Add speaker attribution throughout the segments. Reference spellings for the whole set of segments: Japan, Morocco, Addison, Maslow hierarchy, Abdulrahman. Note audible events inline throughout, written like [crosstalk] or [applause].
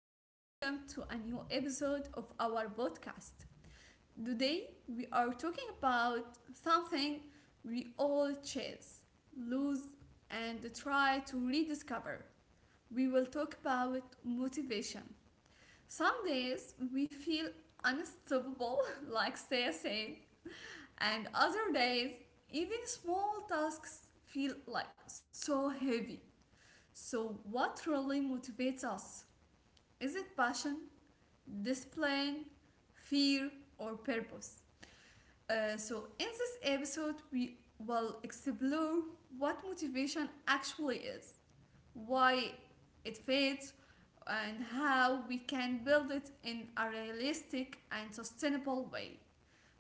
Speaker 1: and welcome to a new episode of our podcast. Today, we are talking about something we all chase, lose, and try to rediscover. We will talk about motivation. Some days we feel unstoppable, [laughs] like Saya said, and other days, even small tasks feel like so heavy. So, what really motivates us? Is it passion, discipline, fear, or purpose? So, in this episode, we will explore what motivation actually is, why it fades, and how we can build it in a realistic and sustainable way.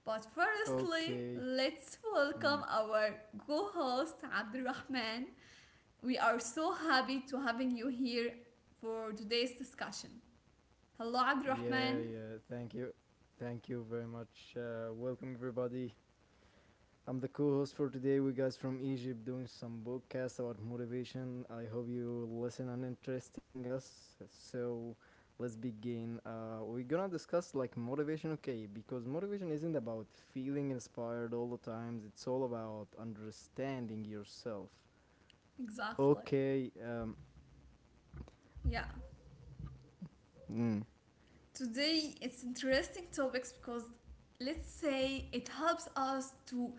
Speaker 1: But firstly,
Speaker 2: Okay.
Speaker 1: let's welcome
Speaker 2: Mm.
Speaker 1: our co-host Abdulrahman. We are so happy to having you here for today's discussion. Hello,
Speaker 2: Yeah,
Speaker 1: Abdulrahman.
Speaker 2: yeah. Thank you. Thank you very much. Welcome, everybody. I'm the co host for today. We guys from Egypt doing some podcast about motivation. I hope you listen and interesting us. So let's begin. We're gonna discuss like motivation, okay? Because motivation isn't about feeling inspired all the times, it's all about understanding yourself.
Speaker 1: Exactly.
Speaker 2: Okay.
Speaker 1: Yeah.
Speaker 2: Mm,
Speaker 1: Today it's interesting topics because, let's say, it helps us to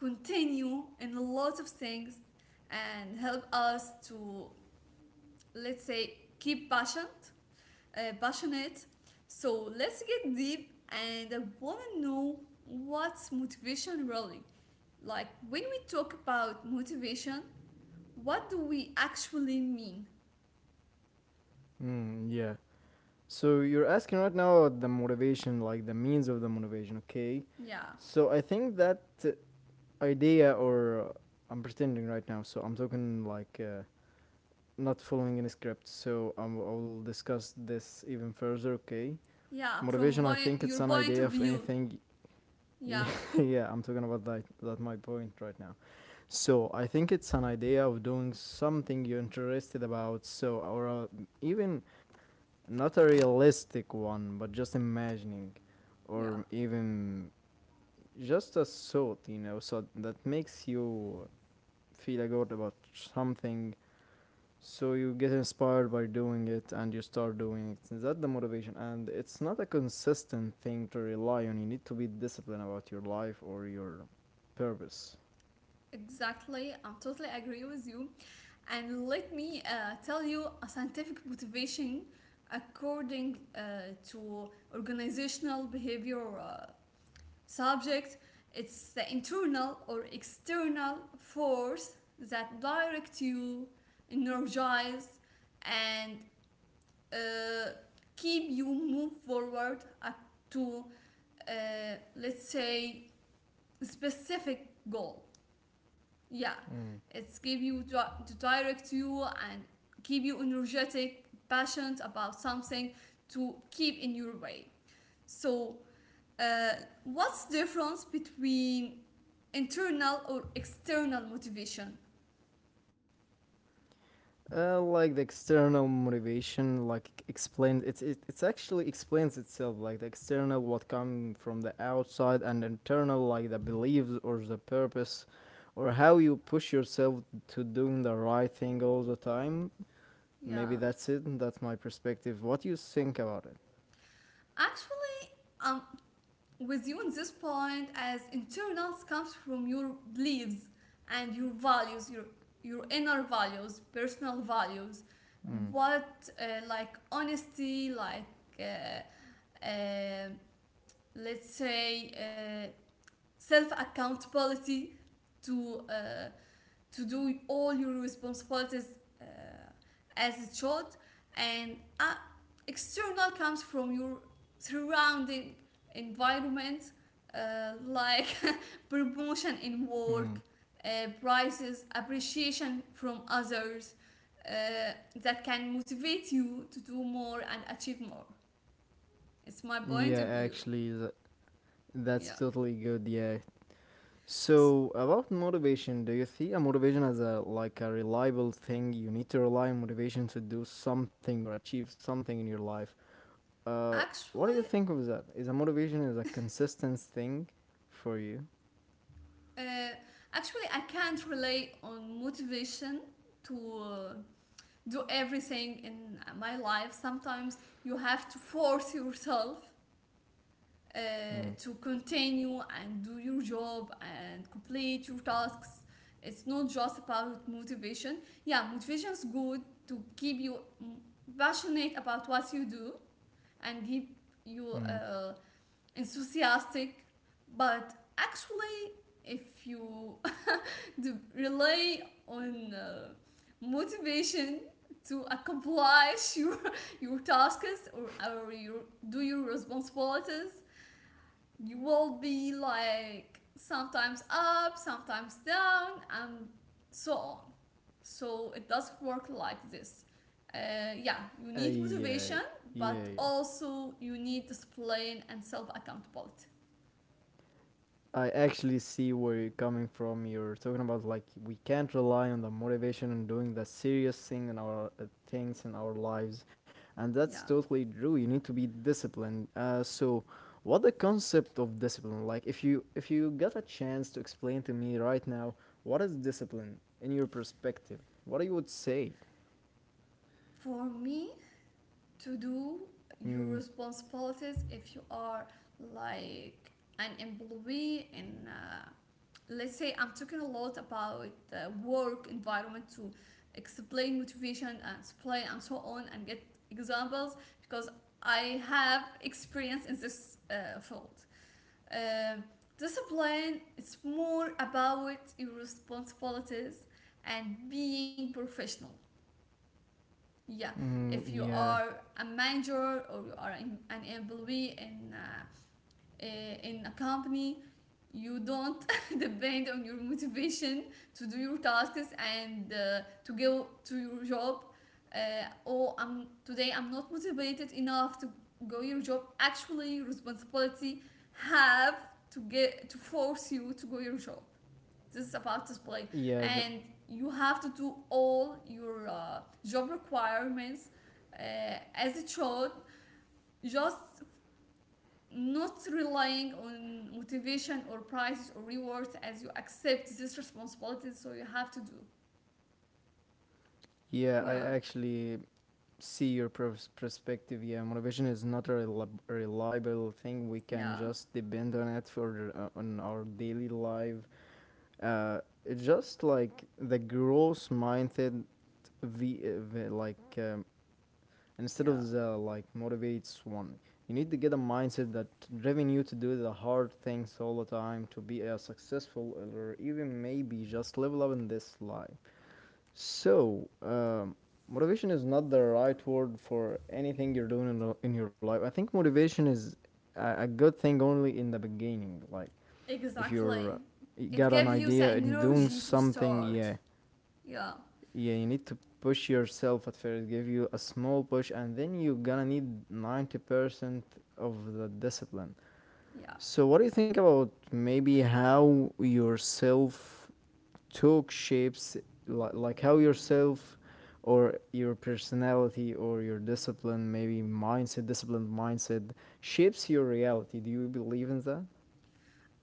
Speaker 1: continue in a lot of things and help us to, let's say, keep passionate. So let's get deep and I want to know what's motivation really. Like when we talk about motivation, what do we actually mean?
Speaker 2: yeah. So you're asking right now about the motivation, like the means of the motivation, okay?
Speaker 1: Yeah.
Speaker 2: So I think that idea, or I'm pretending right now, so I'm talking like not following any script. So I will discuss this even further, okay?
Speaker 1: Yeah,
Speaker 2: Motivation, I think it's
Speaker 1: your
Speaker 2: an
Speaker 1: point
Speaker 2: idea
Speaker 1: of
Speaker 2: of
Speaker 1: view.
Speaker 2: anything. [laughs]
Speaker 1: Yeah,
Speaker 2: yeah, I'm talking about that. That my point right now. So I think it's an idea of doing something you're interested about. So or even not a realistic one, but just imagining,
Speaker 1: yeah,
Speaker 2: or even just a thought, you know, so that makes you feel good about something. So you get inspired by doing it and you start doing it. Is that the motivation? And it's not a consistent thing to rely on. You need to be disciplined about your life or your purpose.
Speaker 1: exactly. I totally agree with you. And let me tell you a scientific motivation according to organizational behavior subject. It's the internal or external force that direct you, energize, and uh, keep you move forward up to, uh, let's say, specific goal. Yeah,
Speaker 2: Mm.
Speaker 1: it's give you to direct you, and keep you energetic passionate about something to keep in your way. So, uh, what's the difference between internal or external motivation?
Speaker 2: Like the external motivation, like explained, it's actually explains itself. Like the external, what come from the outside, and internal, like the beliefs or the purpose, or how you push yourself to doing the right thing all the time.
Speaker 1: Yeah,
Speaker 2: Maybe that's it. That's my perspective. What you think about it?
Speaker 1: actually I'm with you in this point, as internals comes from your beliefs and your values, your inner values, personal values.
Speaker 2: Mm.
Speaker 1: What, like honesty, like, uh, let's say, self accountability, to, to do all your responsibilities, uh, as it should. And, external comes from your surrounding environment, like [laughs] promotion in work,
Speaker 2: Mm.
Speaker 1: prices, appreciation from others, that can motivate you to do more and achieve more. It's my point
Speaker 2: Yeah,
Speaker 1: of view.
Speaker 2: actually, that's
Speaker 1: Yeah,
Speaker 2: totally good. Yeah, so about motivation, do you see a motivation as a like a reliable thing? You need to rely on motivation to do something or achieve something in your life. Uh, what do you
Speaker 1: actually
Speaker 2: think of that? Is a motivation is a consistent thing for you?
Speaker 1: uh, actually I can't rely on motivation to, do everything in my life. Sometimes you have to force yourself, uh,
Speaker 2: Mm.
Speaker 1: to continue and do your job and complete your tasks. It's not just about motivation. Yeah, motivation is good to keep you, mm, passionate about what you do, and keep you
Speaker 2: Mm.
Speaker 1: enthusiastic. But actually, if you to rely on motivation to accomplish [laughs] your tasks or your, do your responsibilities, you will be like sometimes up sometimes down and so on. So it doesn't work like this. Uh, yeah, you
Speaker 2: Uh,
Speaker 1: need
Speaker 2: yeah,
Speaker 1: motivation,
Speaker 2: yeah,
Speaker 1: but
Speaker 2: yeah.
Speaker 1: also you need discipline and self accountability.
Speaker 2: I actually see where you're coming from. You're talking about like we can't rely on the motivation and doing the serious thing in our things in our lives, and that's
Speaker 1: Yeah.
Speaker 2: totally true. You need to be disciplined. So, what the concept of discipline? Like, if you got a chance to explain to me right now, what is discipline in your perspective? What you would say?
Speaker 1: For me, to do your
Speaker 2: Mm,
Speaker 1: responsibilities if you are like an employee in, let's say, I'm talking a lot about work environment to explain motivation and display and so on and get examples, because I have experience in this field. Um discipline, it's more about your responsibilities and being professional. Yeah, if you
Speaker 2: yeah,
Speaker 1: are a manager or you are an employee in, in a company, you don't [laughs] depend on your motivation to do your tasks, and to go to your job. Uh, oh i'm today I'm not motivated enough to go your job. Actually, responsibility have to get to force you to go your job. This is about display.
Speaker 2: yeah.
Speaker 1: And you have to do all your job requirements, uh, as it showed, just not relying on motivation or prizes or rewards, as you accept this responsibility, so you have to do.
Speaker 2: Yeah, I
Speaker 1: Yeah,
Speaker 2: actually see your perspective. Yeah, motivation is not a reliable thing. We can
Speaker 1: yeah,
Speaker 2: just depend on it for on our daily life. It's just like the growth mindset, like instead
Speaker 1: yeah,
Speaker 2: of the like motivates one. You need to get a mindset that driven you to do the hard things all the time, to be a successful or even maybe just level up in this life. So, motivation is not the right word for anything you're doing in, in your life. I think motivation is a good thing only in the beginning. Like, if you're
Speaker 1: exactly.
Speaker 2: you got
Speaker 1: It
Speaker 2: an
Speaker 1: gave you the
Speaker 2: idea and doing
Speaker 1: energy to
Speaker 2: something,
Speaker 1: start.
Speaker 2: yeah,
Speaker 1: Yeah,
Speaker 2: yeah, you need to push yourself at first, give you a small push, and then you're gonna need 90% of the discipline.
Speaker 1: yeah.
Speaker 2: So, what do you think about maybe how yourself talk shapes, like how yourself or your personality or your discipline, maybe mindset, disciplined mindset, shapes your reality? Do you believe in that?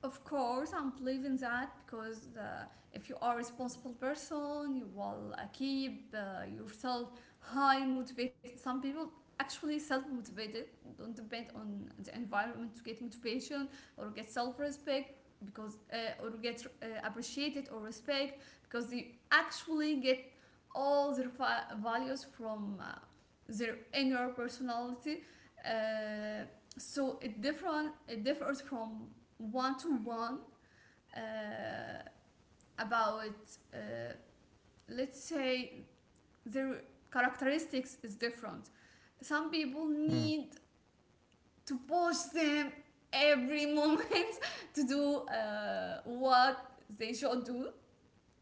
Speaker 1: Of course, I'm believing that because, if you are a responsible person, you will keep yourself high motivated. Some people actually self motivated, don't depend on the environment to get motivation or get self respect because, or get appreciated or respect, because they actually get all their values from their inner personality. Uh, so it differs from one to one about, uh, let's say, their characteristics is different. Some people
Speaker 2: Mm.
Speaker 1: need to push them every moment [laughs] to do what they should do.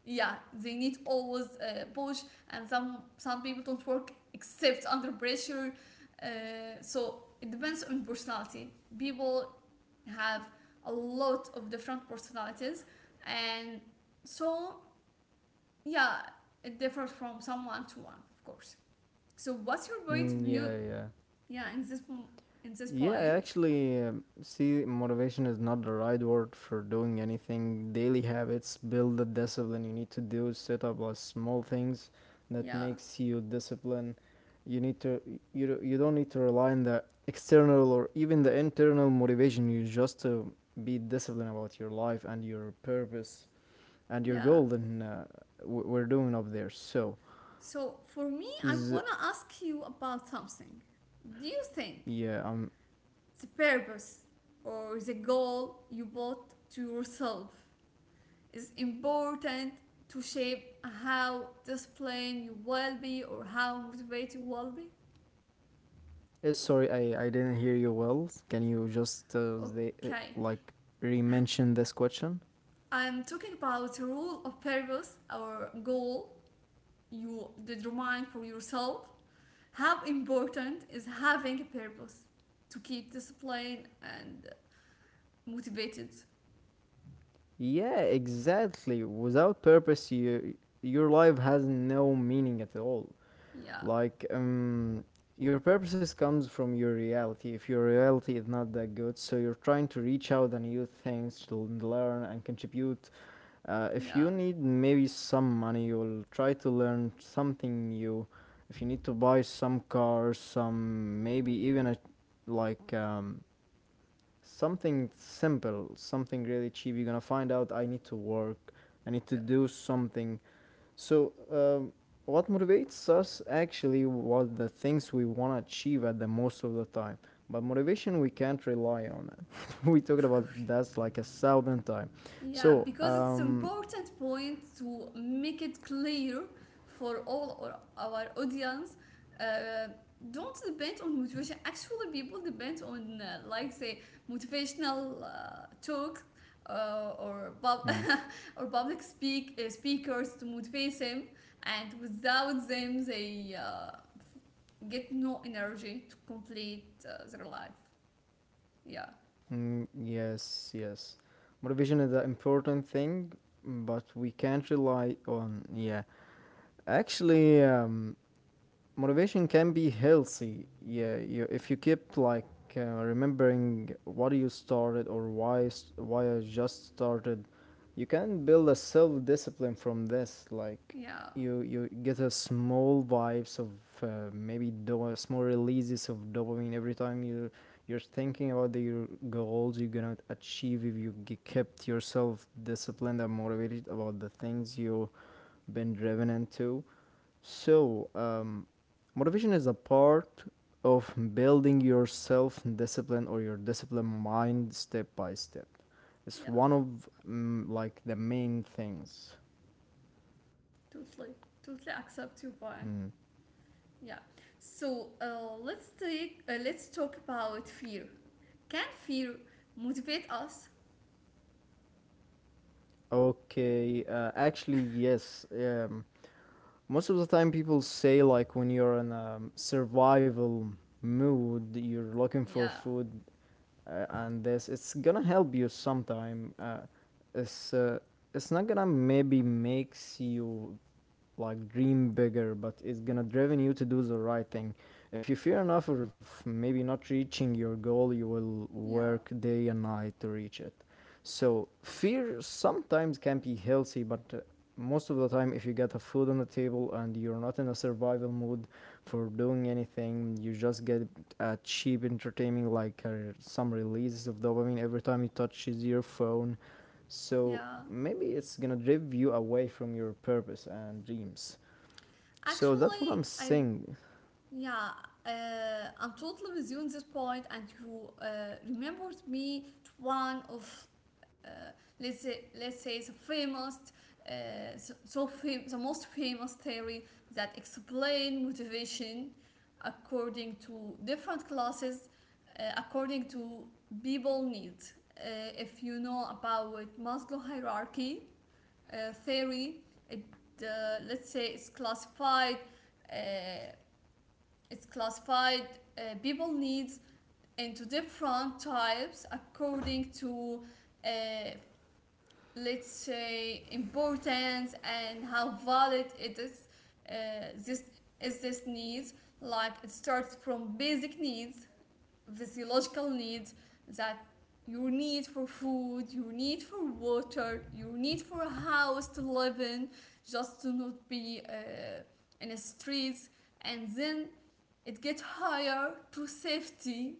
Speaker 1: Yeah, they need always push, and some people don't work except under pressure. So it depends on personality. People have a lot of different personalities and so, yeah, it differs from someone to one, of course. So what's your point
Speaker 2: Mm,
Speaker 1: of view,
Speaker 2: yeah, yeah.
Speaker 1: yeah, in this
Speaker 2: Yeah, I
Speaker 1: point?
Speaker 2: actually see motivation is not the right word for doing anything. Daily habits build the discipline you need to do. Set up as small things that
Speaker 1: Yeah,
Speaker 2: makes you discipline. You need to you don't need to rely on the external or even the internal motivation. You just to be disciplined about your life and your purpose and your
Speaker 1: yeah.
Speaker 2: goal. Then we're doing up there. So
Speaker 1: So for me, I
Speaker 2: z-
Speaker 1: want to ask you about something. Do you think
Speaker 2: yeah, I'm
Speaker 1: the purpose or the goal you bought to yourself is important to shape how disciplined you will be or how motivated you will be?
Speaker 2: sorry, I didn't hear you well. Can you just
Speaker 1: Okay,
Speaker 2: like re-mention this question?
Speaker 1: I'm talking about rule or purpose or goal you determine for yourself. How important is having a purpose to keep disciplined and motivated?
Speaker 2: Yeah, exactly. Without purpose, you your life has no meaning at all.
Speaker 1: Yeah,
Speaker 2: Like your purposes comes from your reality. If your reality is not that good, so you're trying to reach out and new things to learn and contribute. If
Speaker 1: yeah,
Speaker 2: you need maybe some money, you'll try to learn something new. If you need to buy some cars, some maybe even a like something simple, something really cheap, you're gonna find out I need to work, I need to
Speaker 1: yeah,
Speaker 2: do something. So, what motivates us actually what the things we want to achieve at the most of the time. But motivation, we can't rely on it. [laughs] we talked
Speaker 1: of
Speaker 2: about
Speaker 1: course.
Speaker 2: that's like a thousand time.
Speaker 1: Yeah,
Speaker 2: So,
Speaker 1: because it's important point to make it clear for all our audience. Uh, don't depend on motivation. Actually, people depend on like say motivational talk, or
Speaker 2: Hmm.
Speaker 1: [laughs] or public speakers to motivate them, and without them, they get no energy to complete their life. Yeah,
Speaker 2: Mm, yes, yes. Motivation is an important thing, but we can't rely on. Yeah, actually, motivation can be healthy yeah you, if you keep like remembering what you started or why I just started. You can build a self-discipline from this like
Speaker 1: yeah,
Speaker 2: you get a small vibes of small releases of dopamine every time you're thinking about your goals you're gonna achieve if you kept yourself disciplined and motivated about the things you been driven into. So, motivation is a part of building your self discipline or your discipline mind step by step. It's one
Speaker 1: yeah.
Speaker 2: of like the main things.
Speaker 1: Totally, totally accept your point.
Speaker 2: Mm.
Speaker 1: Yeah. So, let's talk about fear. Can fear motivate us?
Speaker 2: Okay, actually, yes. Most of the time, people say like when you're in a survival mood, you're looking for
Speaker 1: Yeah.
Speaker 2: food and this it's gonna help you sometime it's uh, it's not gonna maybe makes you like dream bigger but it's gonna driven you to do the right thing if you fear enough of maybe not reaching your goal you will
Speaker 1: Yeah.
Speaker 2: work day and night to reach it. So fear sometimes can be healthy, but most of the time, if you get a food on the table and you're not in a survival mood for doing anything, you just get a cheap entertainment like some releases of dopamine every time you touch your phone. So
Speaker 1: Yeah.
Speaker 2: maybe it's gonna drive you away from your purpose and dreams. So that's
Speaker 1: Actually,
Speaker 2: what I'm
Speaker 1: I.
Speaker 2: saying.
Speaker 1: Yeah, uh, I'm totally with you on this point, and you remembered me to one of, uh, let's say the famous, the most famous theory that explain motivation according to different classes, according to people needs. If you know about Maslow hierarchy theory, it let's say it's classified. Uh, it's classified people needs into different types according to, uh, let's say, importance and how valid it is. Uh, this this needs, like it starts from basic needs, physiological needs, that your need for food, your need for water, your need for a house to live in, just to not be in the streets, and then it gets higher to safety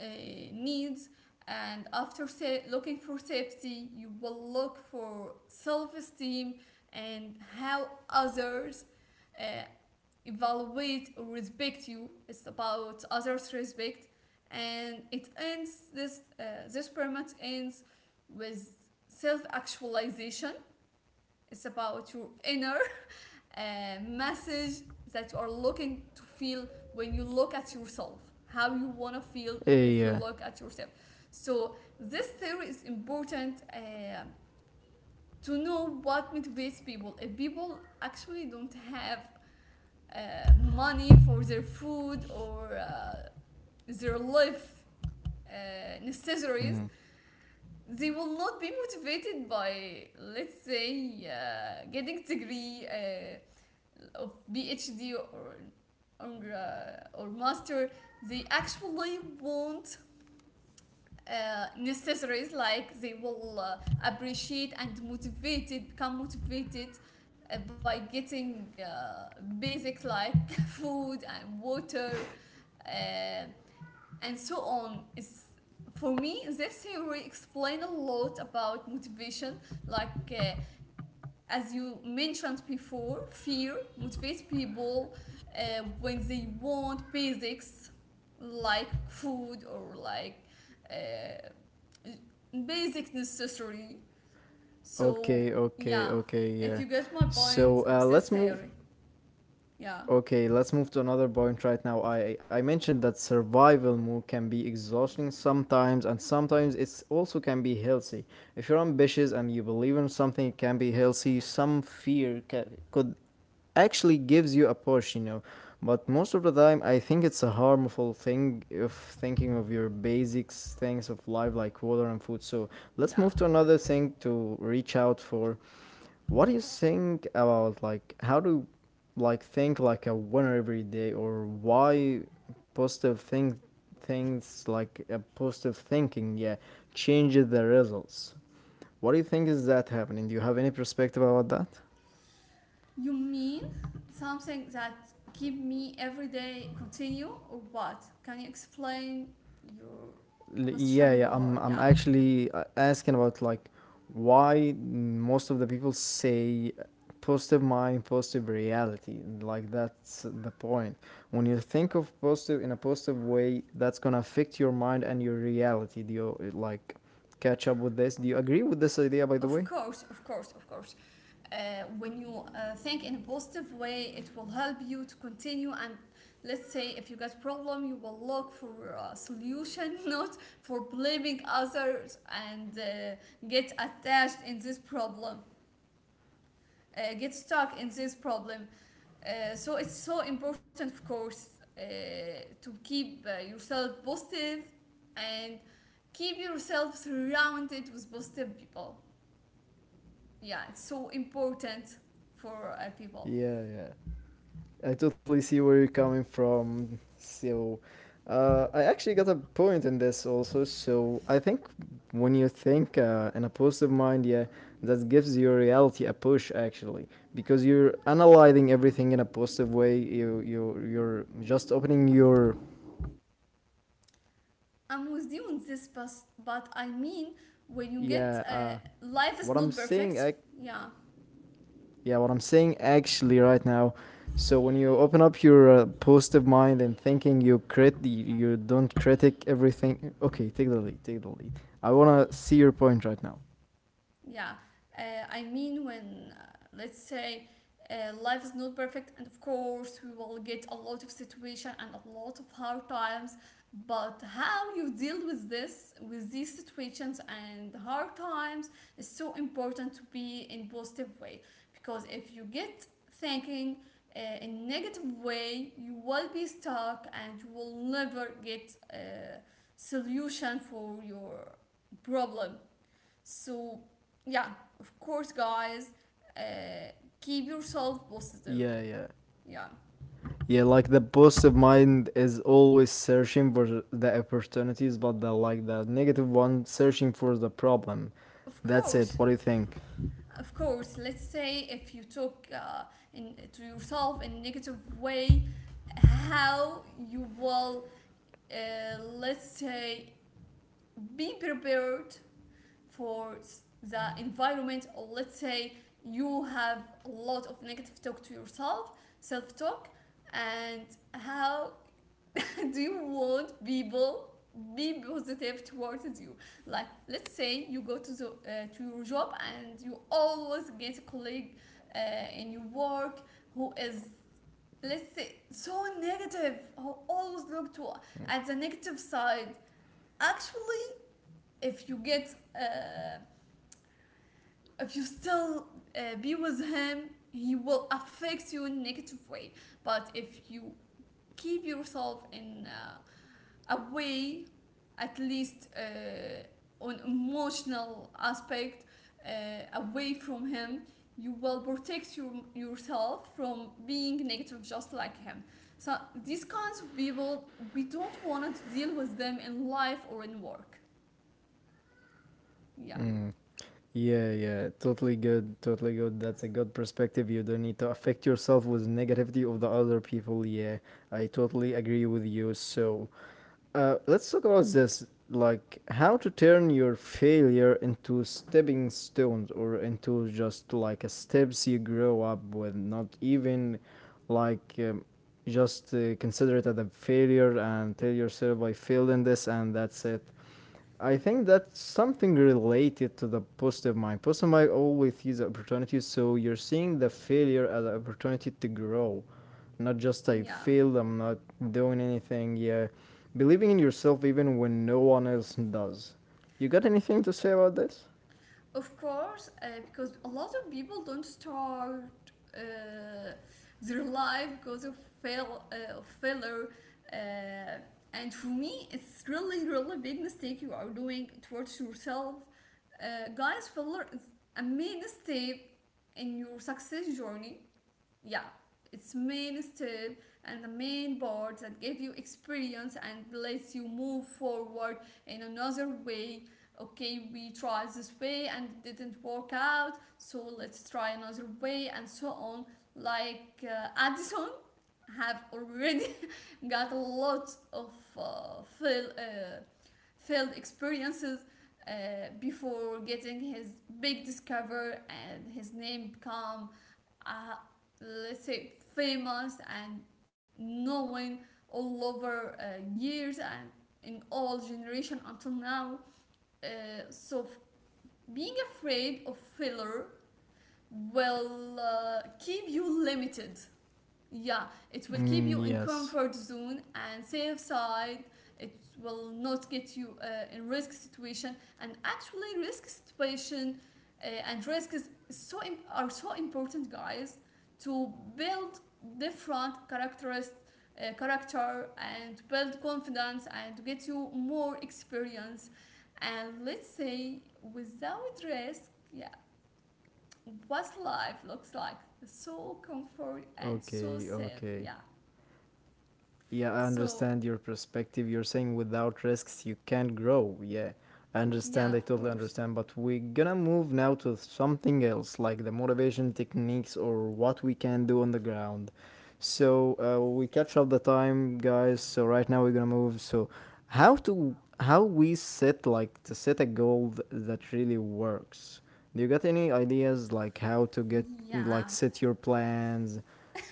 Speaker 1: uh, needs. And after looking for safety, you will look for self esteem and how others uh, evaluate or respect you. It's about others' respect, and it ends this this pyramid ends with self actualization. It's about your inner uh, message that you are looking to feel when you look at yourself. How you wanna feel
Speaker 2: Eh,
Speaker 1: if
Speaker 2: yeah.
Speaker 1: you look at yourself. So this theory is important to know what motivates people. If people actually don't have money for their food or their life necessities,
Speaker 2: Mm.
Speaker 1: they will not be motivated by, let's say, getting
Speaker 2: Yeah.
Speaker 1: degree of PhD or master. They actually want necessaries, like they will appreciate and motivated become motivated by getting basic, like [laughs] food and water, uh, and so on. It's, for me, this theory explain a lot about motivation, like as you mentioned before, fear motivates people when they want basics, like food or like uh, basic necessary.
Speaker 2: Okay.
Speaker 1: So
Speaker 2: Okay.
Speaker 1: yeah,
Speaker 2: Okay.
Speaker 1: if
Speaker 2: Yeah.
Speaker 1: you get my point
Speaker 2: So
Speaker 1: of this
Speaker 2: let's move
Speaker 1: theory. Yeah,
Speaker 2: Okay, let's move to another point right now. I mentioned that survival mode can be exhausting sometimes, and sometimes it's also can be healthy. If you're ambitious and you believe in something, it can be healthy. Some fear ca could actually gives you a push, you know. But most of the time, I think it's a harmful thing if thinking of your basics things of life like water and food. So let's
Speaker 1: yeah.
Speaker 2: move to another thing to reach out for. What do you think about like how do like think like a winner every day or why positive think things like a positive thinking, yeah, changes the results? What do you think is that happening? Do you have any perspective about that?
Speaker 1: You mean something that keep me every day continue or what? Can you explain your
Speaker 2: Yeah,
Speaker 1: question
Speaker 2: yeah,
Speaker 1: more?
Speaker 2: I'm
Speaker 1: Yeah.
Speaker 2: actually asking about like why most of the people say positive mind positive reality, like that's the point. When you think of positive in a positive way, that's gonna affect your mind and your reality. Do you like catch up with this? Do you agree with this idea, by the
Speaker 1: Of
Speaker 2: way?
Speaker 1: course, of course, of course. When you think in a positive way, it will help you to continue. And let's say if you got problem, you will look for a solution, [laughs] not for blaming others and get attached in this problem, get stuck in this problem. So it's so important, of course, uh, to keep yourself positive, and keep yourself surrounded with positive people. Yeah, it's so important for people.
Speaker 2: Yeah, yeah. I totally see where you're coming from. So, I actually got a point in this also. So, I think when you think in a positive mind, yeah, that gives your reality a push actually, because you're analyzing everything in a positive way. You you're just opening your
Speaker 1: I'm with you on this, but I mean when you get
Speaker 2: yeah. Uh,
Speaker 1: life is
Speaker 2: what I'm
Speaker 1: not
Speaker 2: saying,
Speaker 1: perfect. Yeah,
Speaker 2: yeah, what I'm saying actually right now. So when you open up your positive mind and thinking, you you don't critic everything. Okay, take the lead. Take the lead. I wanna see your point right now.
Speaker 1: yeah. Uh, i mean when, let's say, life is not perfect, and of course we will get a lot of situation and a lot of hard times, but how you deal with these situations and hard times, is so important to be in positive way. Because if you get thinking in negative way, you will be stuck and you will never get a solution for your problem. So, yeah, of course, guys, uh, keep yourself positive.
Speaker 2: Yeah, yeah,
Speaker 1: Yeah,
Speaker 2: yeah. Like the positive mind is always searching for the opportunities, but the like the negative one searching for the problem.
Speaker 1: of
Speaker 2: That's it.
Speaker 1: course.
Speaker 2: What do you think?
Speaker 1: Of course, let's say if you talk to yourself in a negative way, how you will, let's say, be prepared for the environment, or let's say you have a lot of negative talk to yourself, self talk, and how [laughs] do you want people be positive towards you, like let's say you go to the to your job and you always get a colleague in your work who is, let's say, so negative, who always look to at the negative side. Actually, if you get uh, if you still be with him, he will affect you in a negative way. But if you keep yourself in away, at least on emotional aspect, away from him, you will protect yourself from being negative just like him. So these kinds of people, we don't want to deal with them in life or in work. Yeah,
Speaker 2: Mm. Yeah, yeah, totally good, totally good. That's a good perspective. You don't need to affect yourself with negativity of the other people. Yeah, I totally agree with you. So, let's talk about this, like how to turn your failure into stepping stones or into just like a steps you grow up with, not even like just consider it as a failure and tell yourself I failed in this and that's it. I think that's something related to the positive mind. Positive mind always sees opportunities, so you're seeing the failure as an opportunity to grow, not just I
Speaker 1: yeah.
Speaker 2: failed, I'm not doing anything. Yeah, believing in yourself even when no one else does. You got anything to say about this?
Speaker 1: Of course, because a lot of people don't start uh, their life because of fail of failure. Uh, and for me, it's really, really big mistake you are doing towards yourself. Guys, failure is a main step in your success journey. Yeah, its main step, and the main board that give you experience and lets you move forward in another way. Okay, we tried this way and it didn't work out, so let's try another way, and so on. Like Addison have already [laughs] got a lot of uh, fail, uh, failed experiences before getting his big discover and his name become, uh, let's say, famous and known all over years and in all generation until now. Uh, so being afraid of failure will keep you limited. Yeah, it will keep
Speaker 2: Mm,
Speaker 1: you in
Speaker 2: yes.
Speaker 1: comfort zone and safe side. It will not get you in risk situation. And actually, risk situation, and risk are so important, guys, to build different characteristics, character, and build confidence, and to get you more experience. And let's say without risk, yeah, what life looks like? So comfort and so
Speaker 2: Okay,
Speaker 1: safe,
Speaker 2: okay.
Speaker 1: yeah.
Speaker 2: Yeah, I
Speaker 1: So
Speaker 2: understand your perspective. You're saying without risks, you can't grow. Yeah, I
Speaker 1: yeah, of
Speaker 2: understand. I totally
Speaker 1: course,
Speaker 2: understand. But we're gonna move now to something else, like the motivation techniques or what we can do on the ground. We catch up the time, guys. So right now we're gonna move. So how to how we set like to set a goal that really works. Do you got any ideas like how to get
Speaker 1: yeah,
Speaker 2: like set your plans?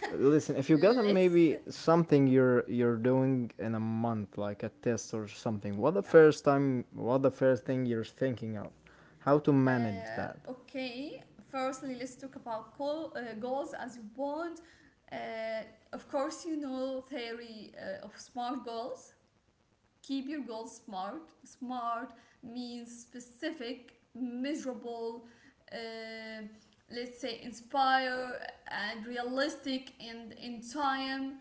Speaker 2: Listen, if you got
Speaker 1: let's
Speaker 2: maybe something you're doing in a month, like a test or something,
Speaker 1: yeah,
Speaker 2: what the first thing you're thinking of, how to manage that?
Speaker 1: okay, firstly let's talk about goals, as you want. uh, of course, you know theory of smart goals. Keep your goals smart. Smart means specific, measurable, uh, let's say inspire, and realistic and in time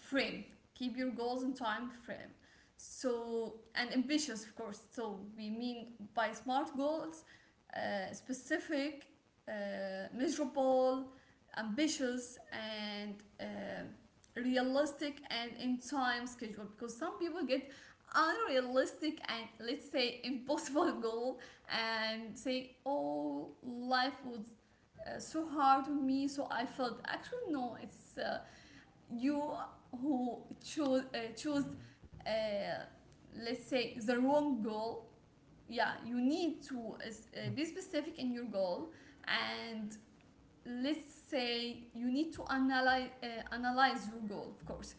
Speaker 1: frame. Keep your goals in time frame. So and ambitious, of course. So we mean by smart goals, specific, measurable, ambitious, and uh, realistic and in time schedule, because some people get unrealistic and, let's say, [laughs] impossible goal and say, oh, life was so hard on me, so I felt. Actually no, it's you who chose uh, let's say, the wrong goal. Yeah, you need to be specific in your goal, and, let's say, you need to analyze your goal, of course.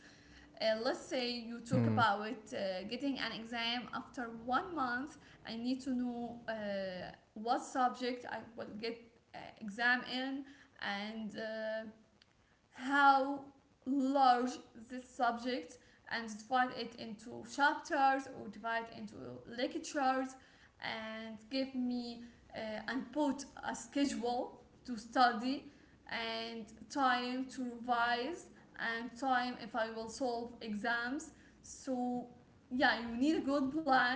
Speaker 1: Let's say you talk about getting an exam after one month. I need to know what subject I will get exam in, and how large this subject, and divide it into chapters or divide into lectures, and give me and put a schedule to study, and time to revise, and time if I will solve exams. So yeah, you need a good plan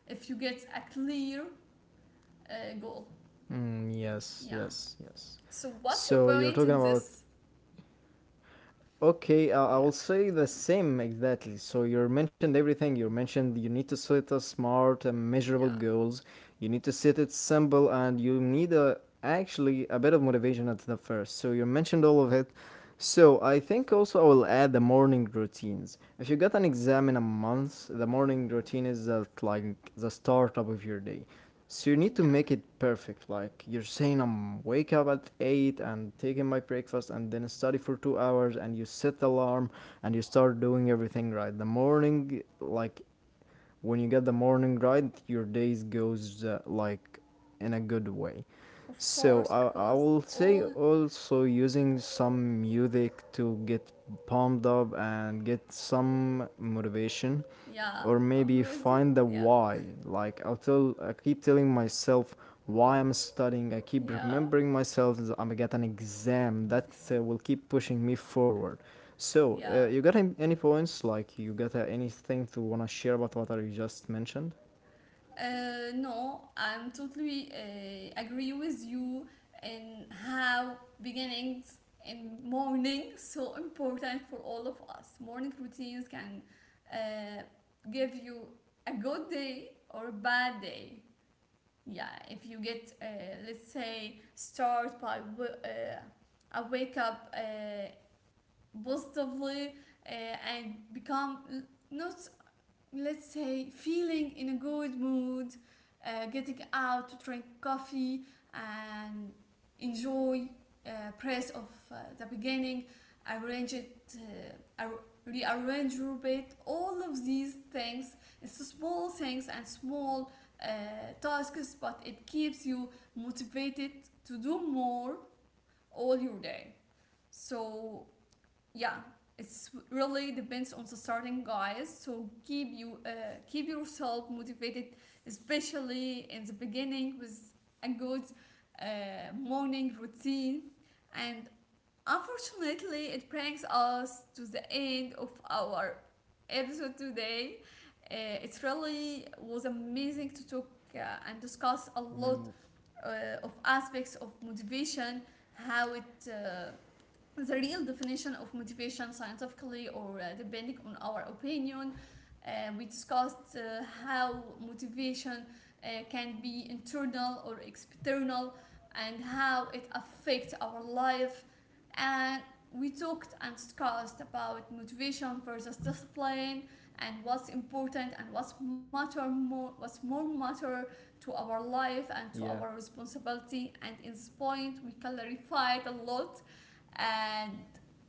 Speaker 1: if you get a clear goal.
Speaker 2: Yes,
Speaker 1: Yeah.
Speaker 2: yes, yes.
Speaker 1: So what's your
Speaker 2: So you're
Speaker 1: point
Speaker 2: talking
Speaker 1: in
Speaker 2: about
Speaker 1: this?
Speaker 2: okay, I
Speaker 1: Yeah.
Speaker 2: will say the same exactly. So you mentioned everything. You mentioned you need to set a smart and measurable
Speaker 1: Yeah.
Speaker 2: goals. You need to set it simple, and you need actually a bit of motivation at the first. So you mentioned all of it. So I think also I will add the morning routines. If you got an exam in a month, the morning routine is like the start up of your day. So you need to
Speaker 1: Yeah.
Speaker 2: make it perfect. Like you're saying, I'm wake up at eight and taking my breakfast and then study for 2 hours and you set the alarm and you start doing everything right. The morning, like when you get the morning right your days goes like in a good way.
Speaker 1: Of
Speaker 2: So
Speaker 1: course,
Speaker 2: I
Speaker 1: because
Speaker 2: will say
Speaker 1: all.
Speaker 2: also using some music to get pumped up and get some motivation,
Speaker 1: Yeah,
Speaker 2: or
Speaker 1: I'm
Speaker 2: maybe
Speaker 1: with you.
Speaker 2: find the
Speaker 1: Yeah,
Speaker 2: why. Like I'll tell I keep telling myself why I'm studying, I keep
Speaker 1: yeah,
Speaker 2: remembering myself that I'm gonna get an exam that will keep pushing me forward. So,
Speaker 1: yeah.
Speaker 2: you got any points? Like, you got anything to wanna share about what I just mentioned?
Speaker 1: No, I'm totally agree with you in how beginnings in morning [laughs] so important for all of us. Morning routines can uh, give you a good day or a bad day. Yeah, if you get let's say start by a wake up positively and become not, let's say, feeling in a good mood, getting out to drink coffee and enjoy press of the beginning, arrange it uh, ar- rearrange your bed, all of these things. It's small things and small uh, tasks, but it keeps you motivated to do more all your day. So yeah, it's really depends on the starting, guys, so keep yourself motivated, especially in the beginning, with a good uh, morning routine. And unfortunately, it brings us to the end of our episode today. uh, it really was amazing to talk uh, and discuss a lot
Speaker 2: Mm,
Speaker 1: of aspects of motivation, how it the real definition of motivation scientifically, or depending on our opinion. We discussed how motivation can be internal or external, and how it affects our life. And we talked and discussed about motivation versus discipline, and what's important and what's more matter to our life and to
Speaker 2: yeah,
Speaker 1: our responsibility, and in this point we clarified a lot. And,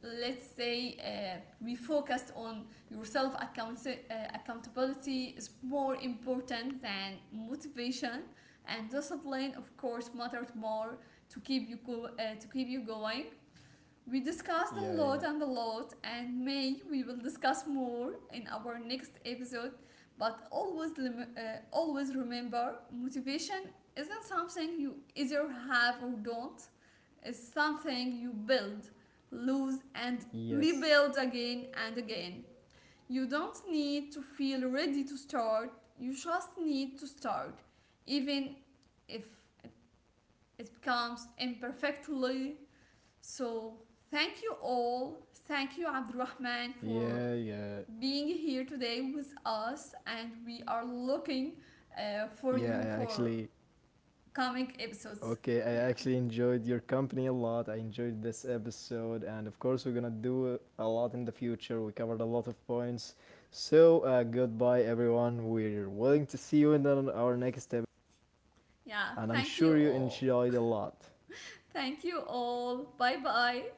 Speaker 1: let's say, we focused on your self accountability is more important than motivation, and discipline of course mattered more to keep you going. We discussed
Speaker 2: yeah, yeah.
Speaker 1: a lot, and may we will discuss more in our next episode. But always, always remember, motivation isn't something you either have or don't. It's something you build, lose, and
Speaker 2: Yes.
Speaker 1: rebuild again and again. You don't need to feel ready to start. You just need to start, even if it, it becomes imperfectly. So, thank you all. Thank you, Abdurrahman, for
Speaker 2: Yeah, yeah.
Speaker 1: being here today with us. And we are looking for
Speaker 2: Yeah,
Speaker 1: you
Speaker 2: I
Speaker 1: for
Speaker 2: actually.
Speaker 1: coming episodes.
Speaker 2: Okay, I
Speaker 1: Yeah.
Speaker 2: actually enjoyed your company a lot. I enjoyed this episode. And of course, we're gonna do a lot in the future. We covered a lot of points. So, goodbye, everyone. We're willing to see you in our next episode.
Speaker 1: Yeah.
Speaker 2: And I'm
Speaker 1: Thank you
Speaker 2: sure you
Speaker 1: all.
Speaker 2: enjoyed a lot.
Speaker 1: Thank you all. Bye bye.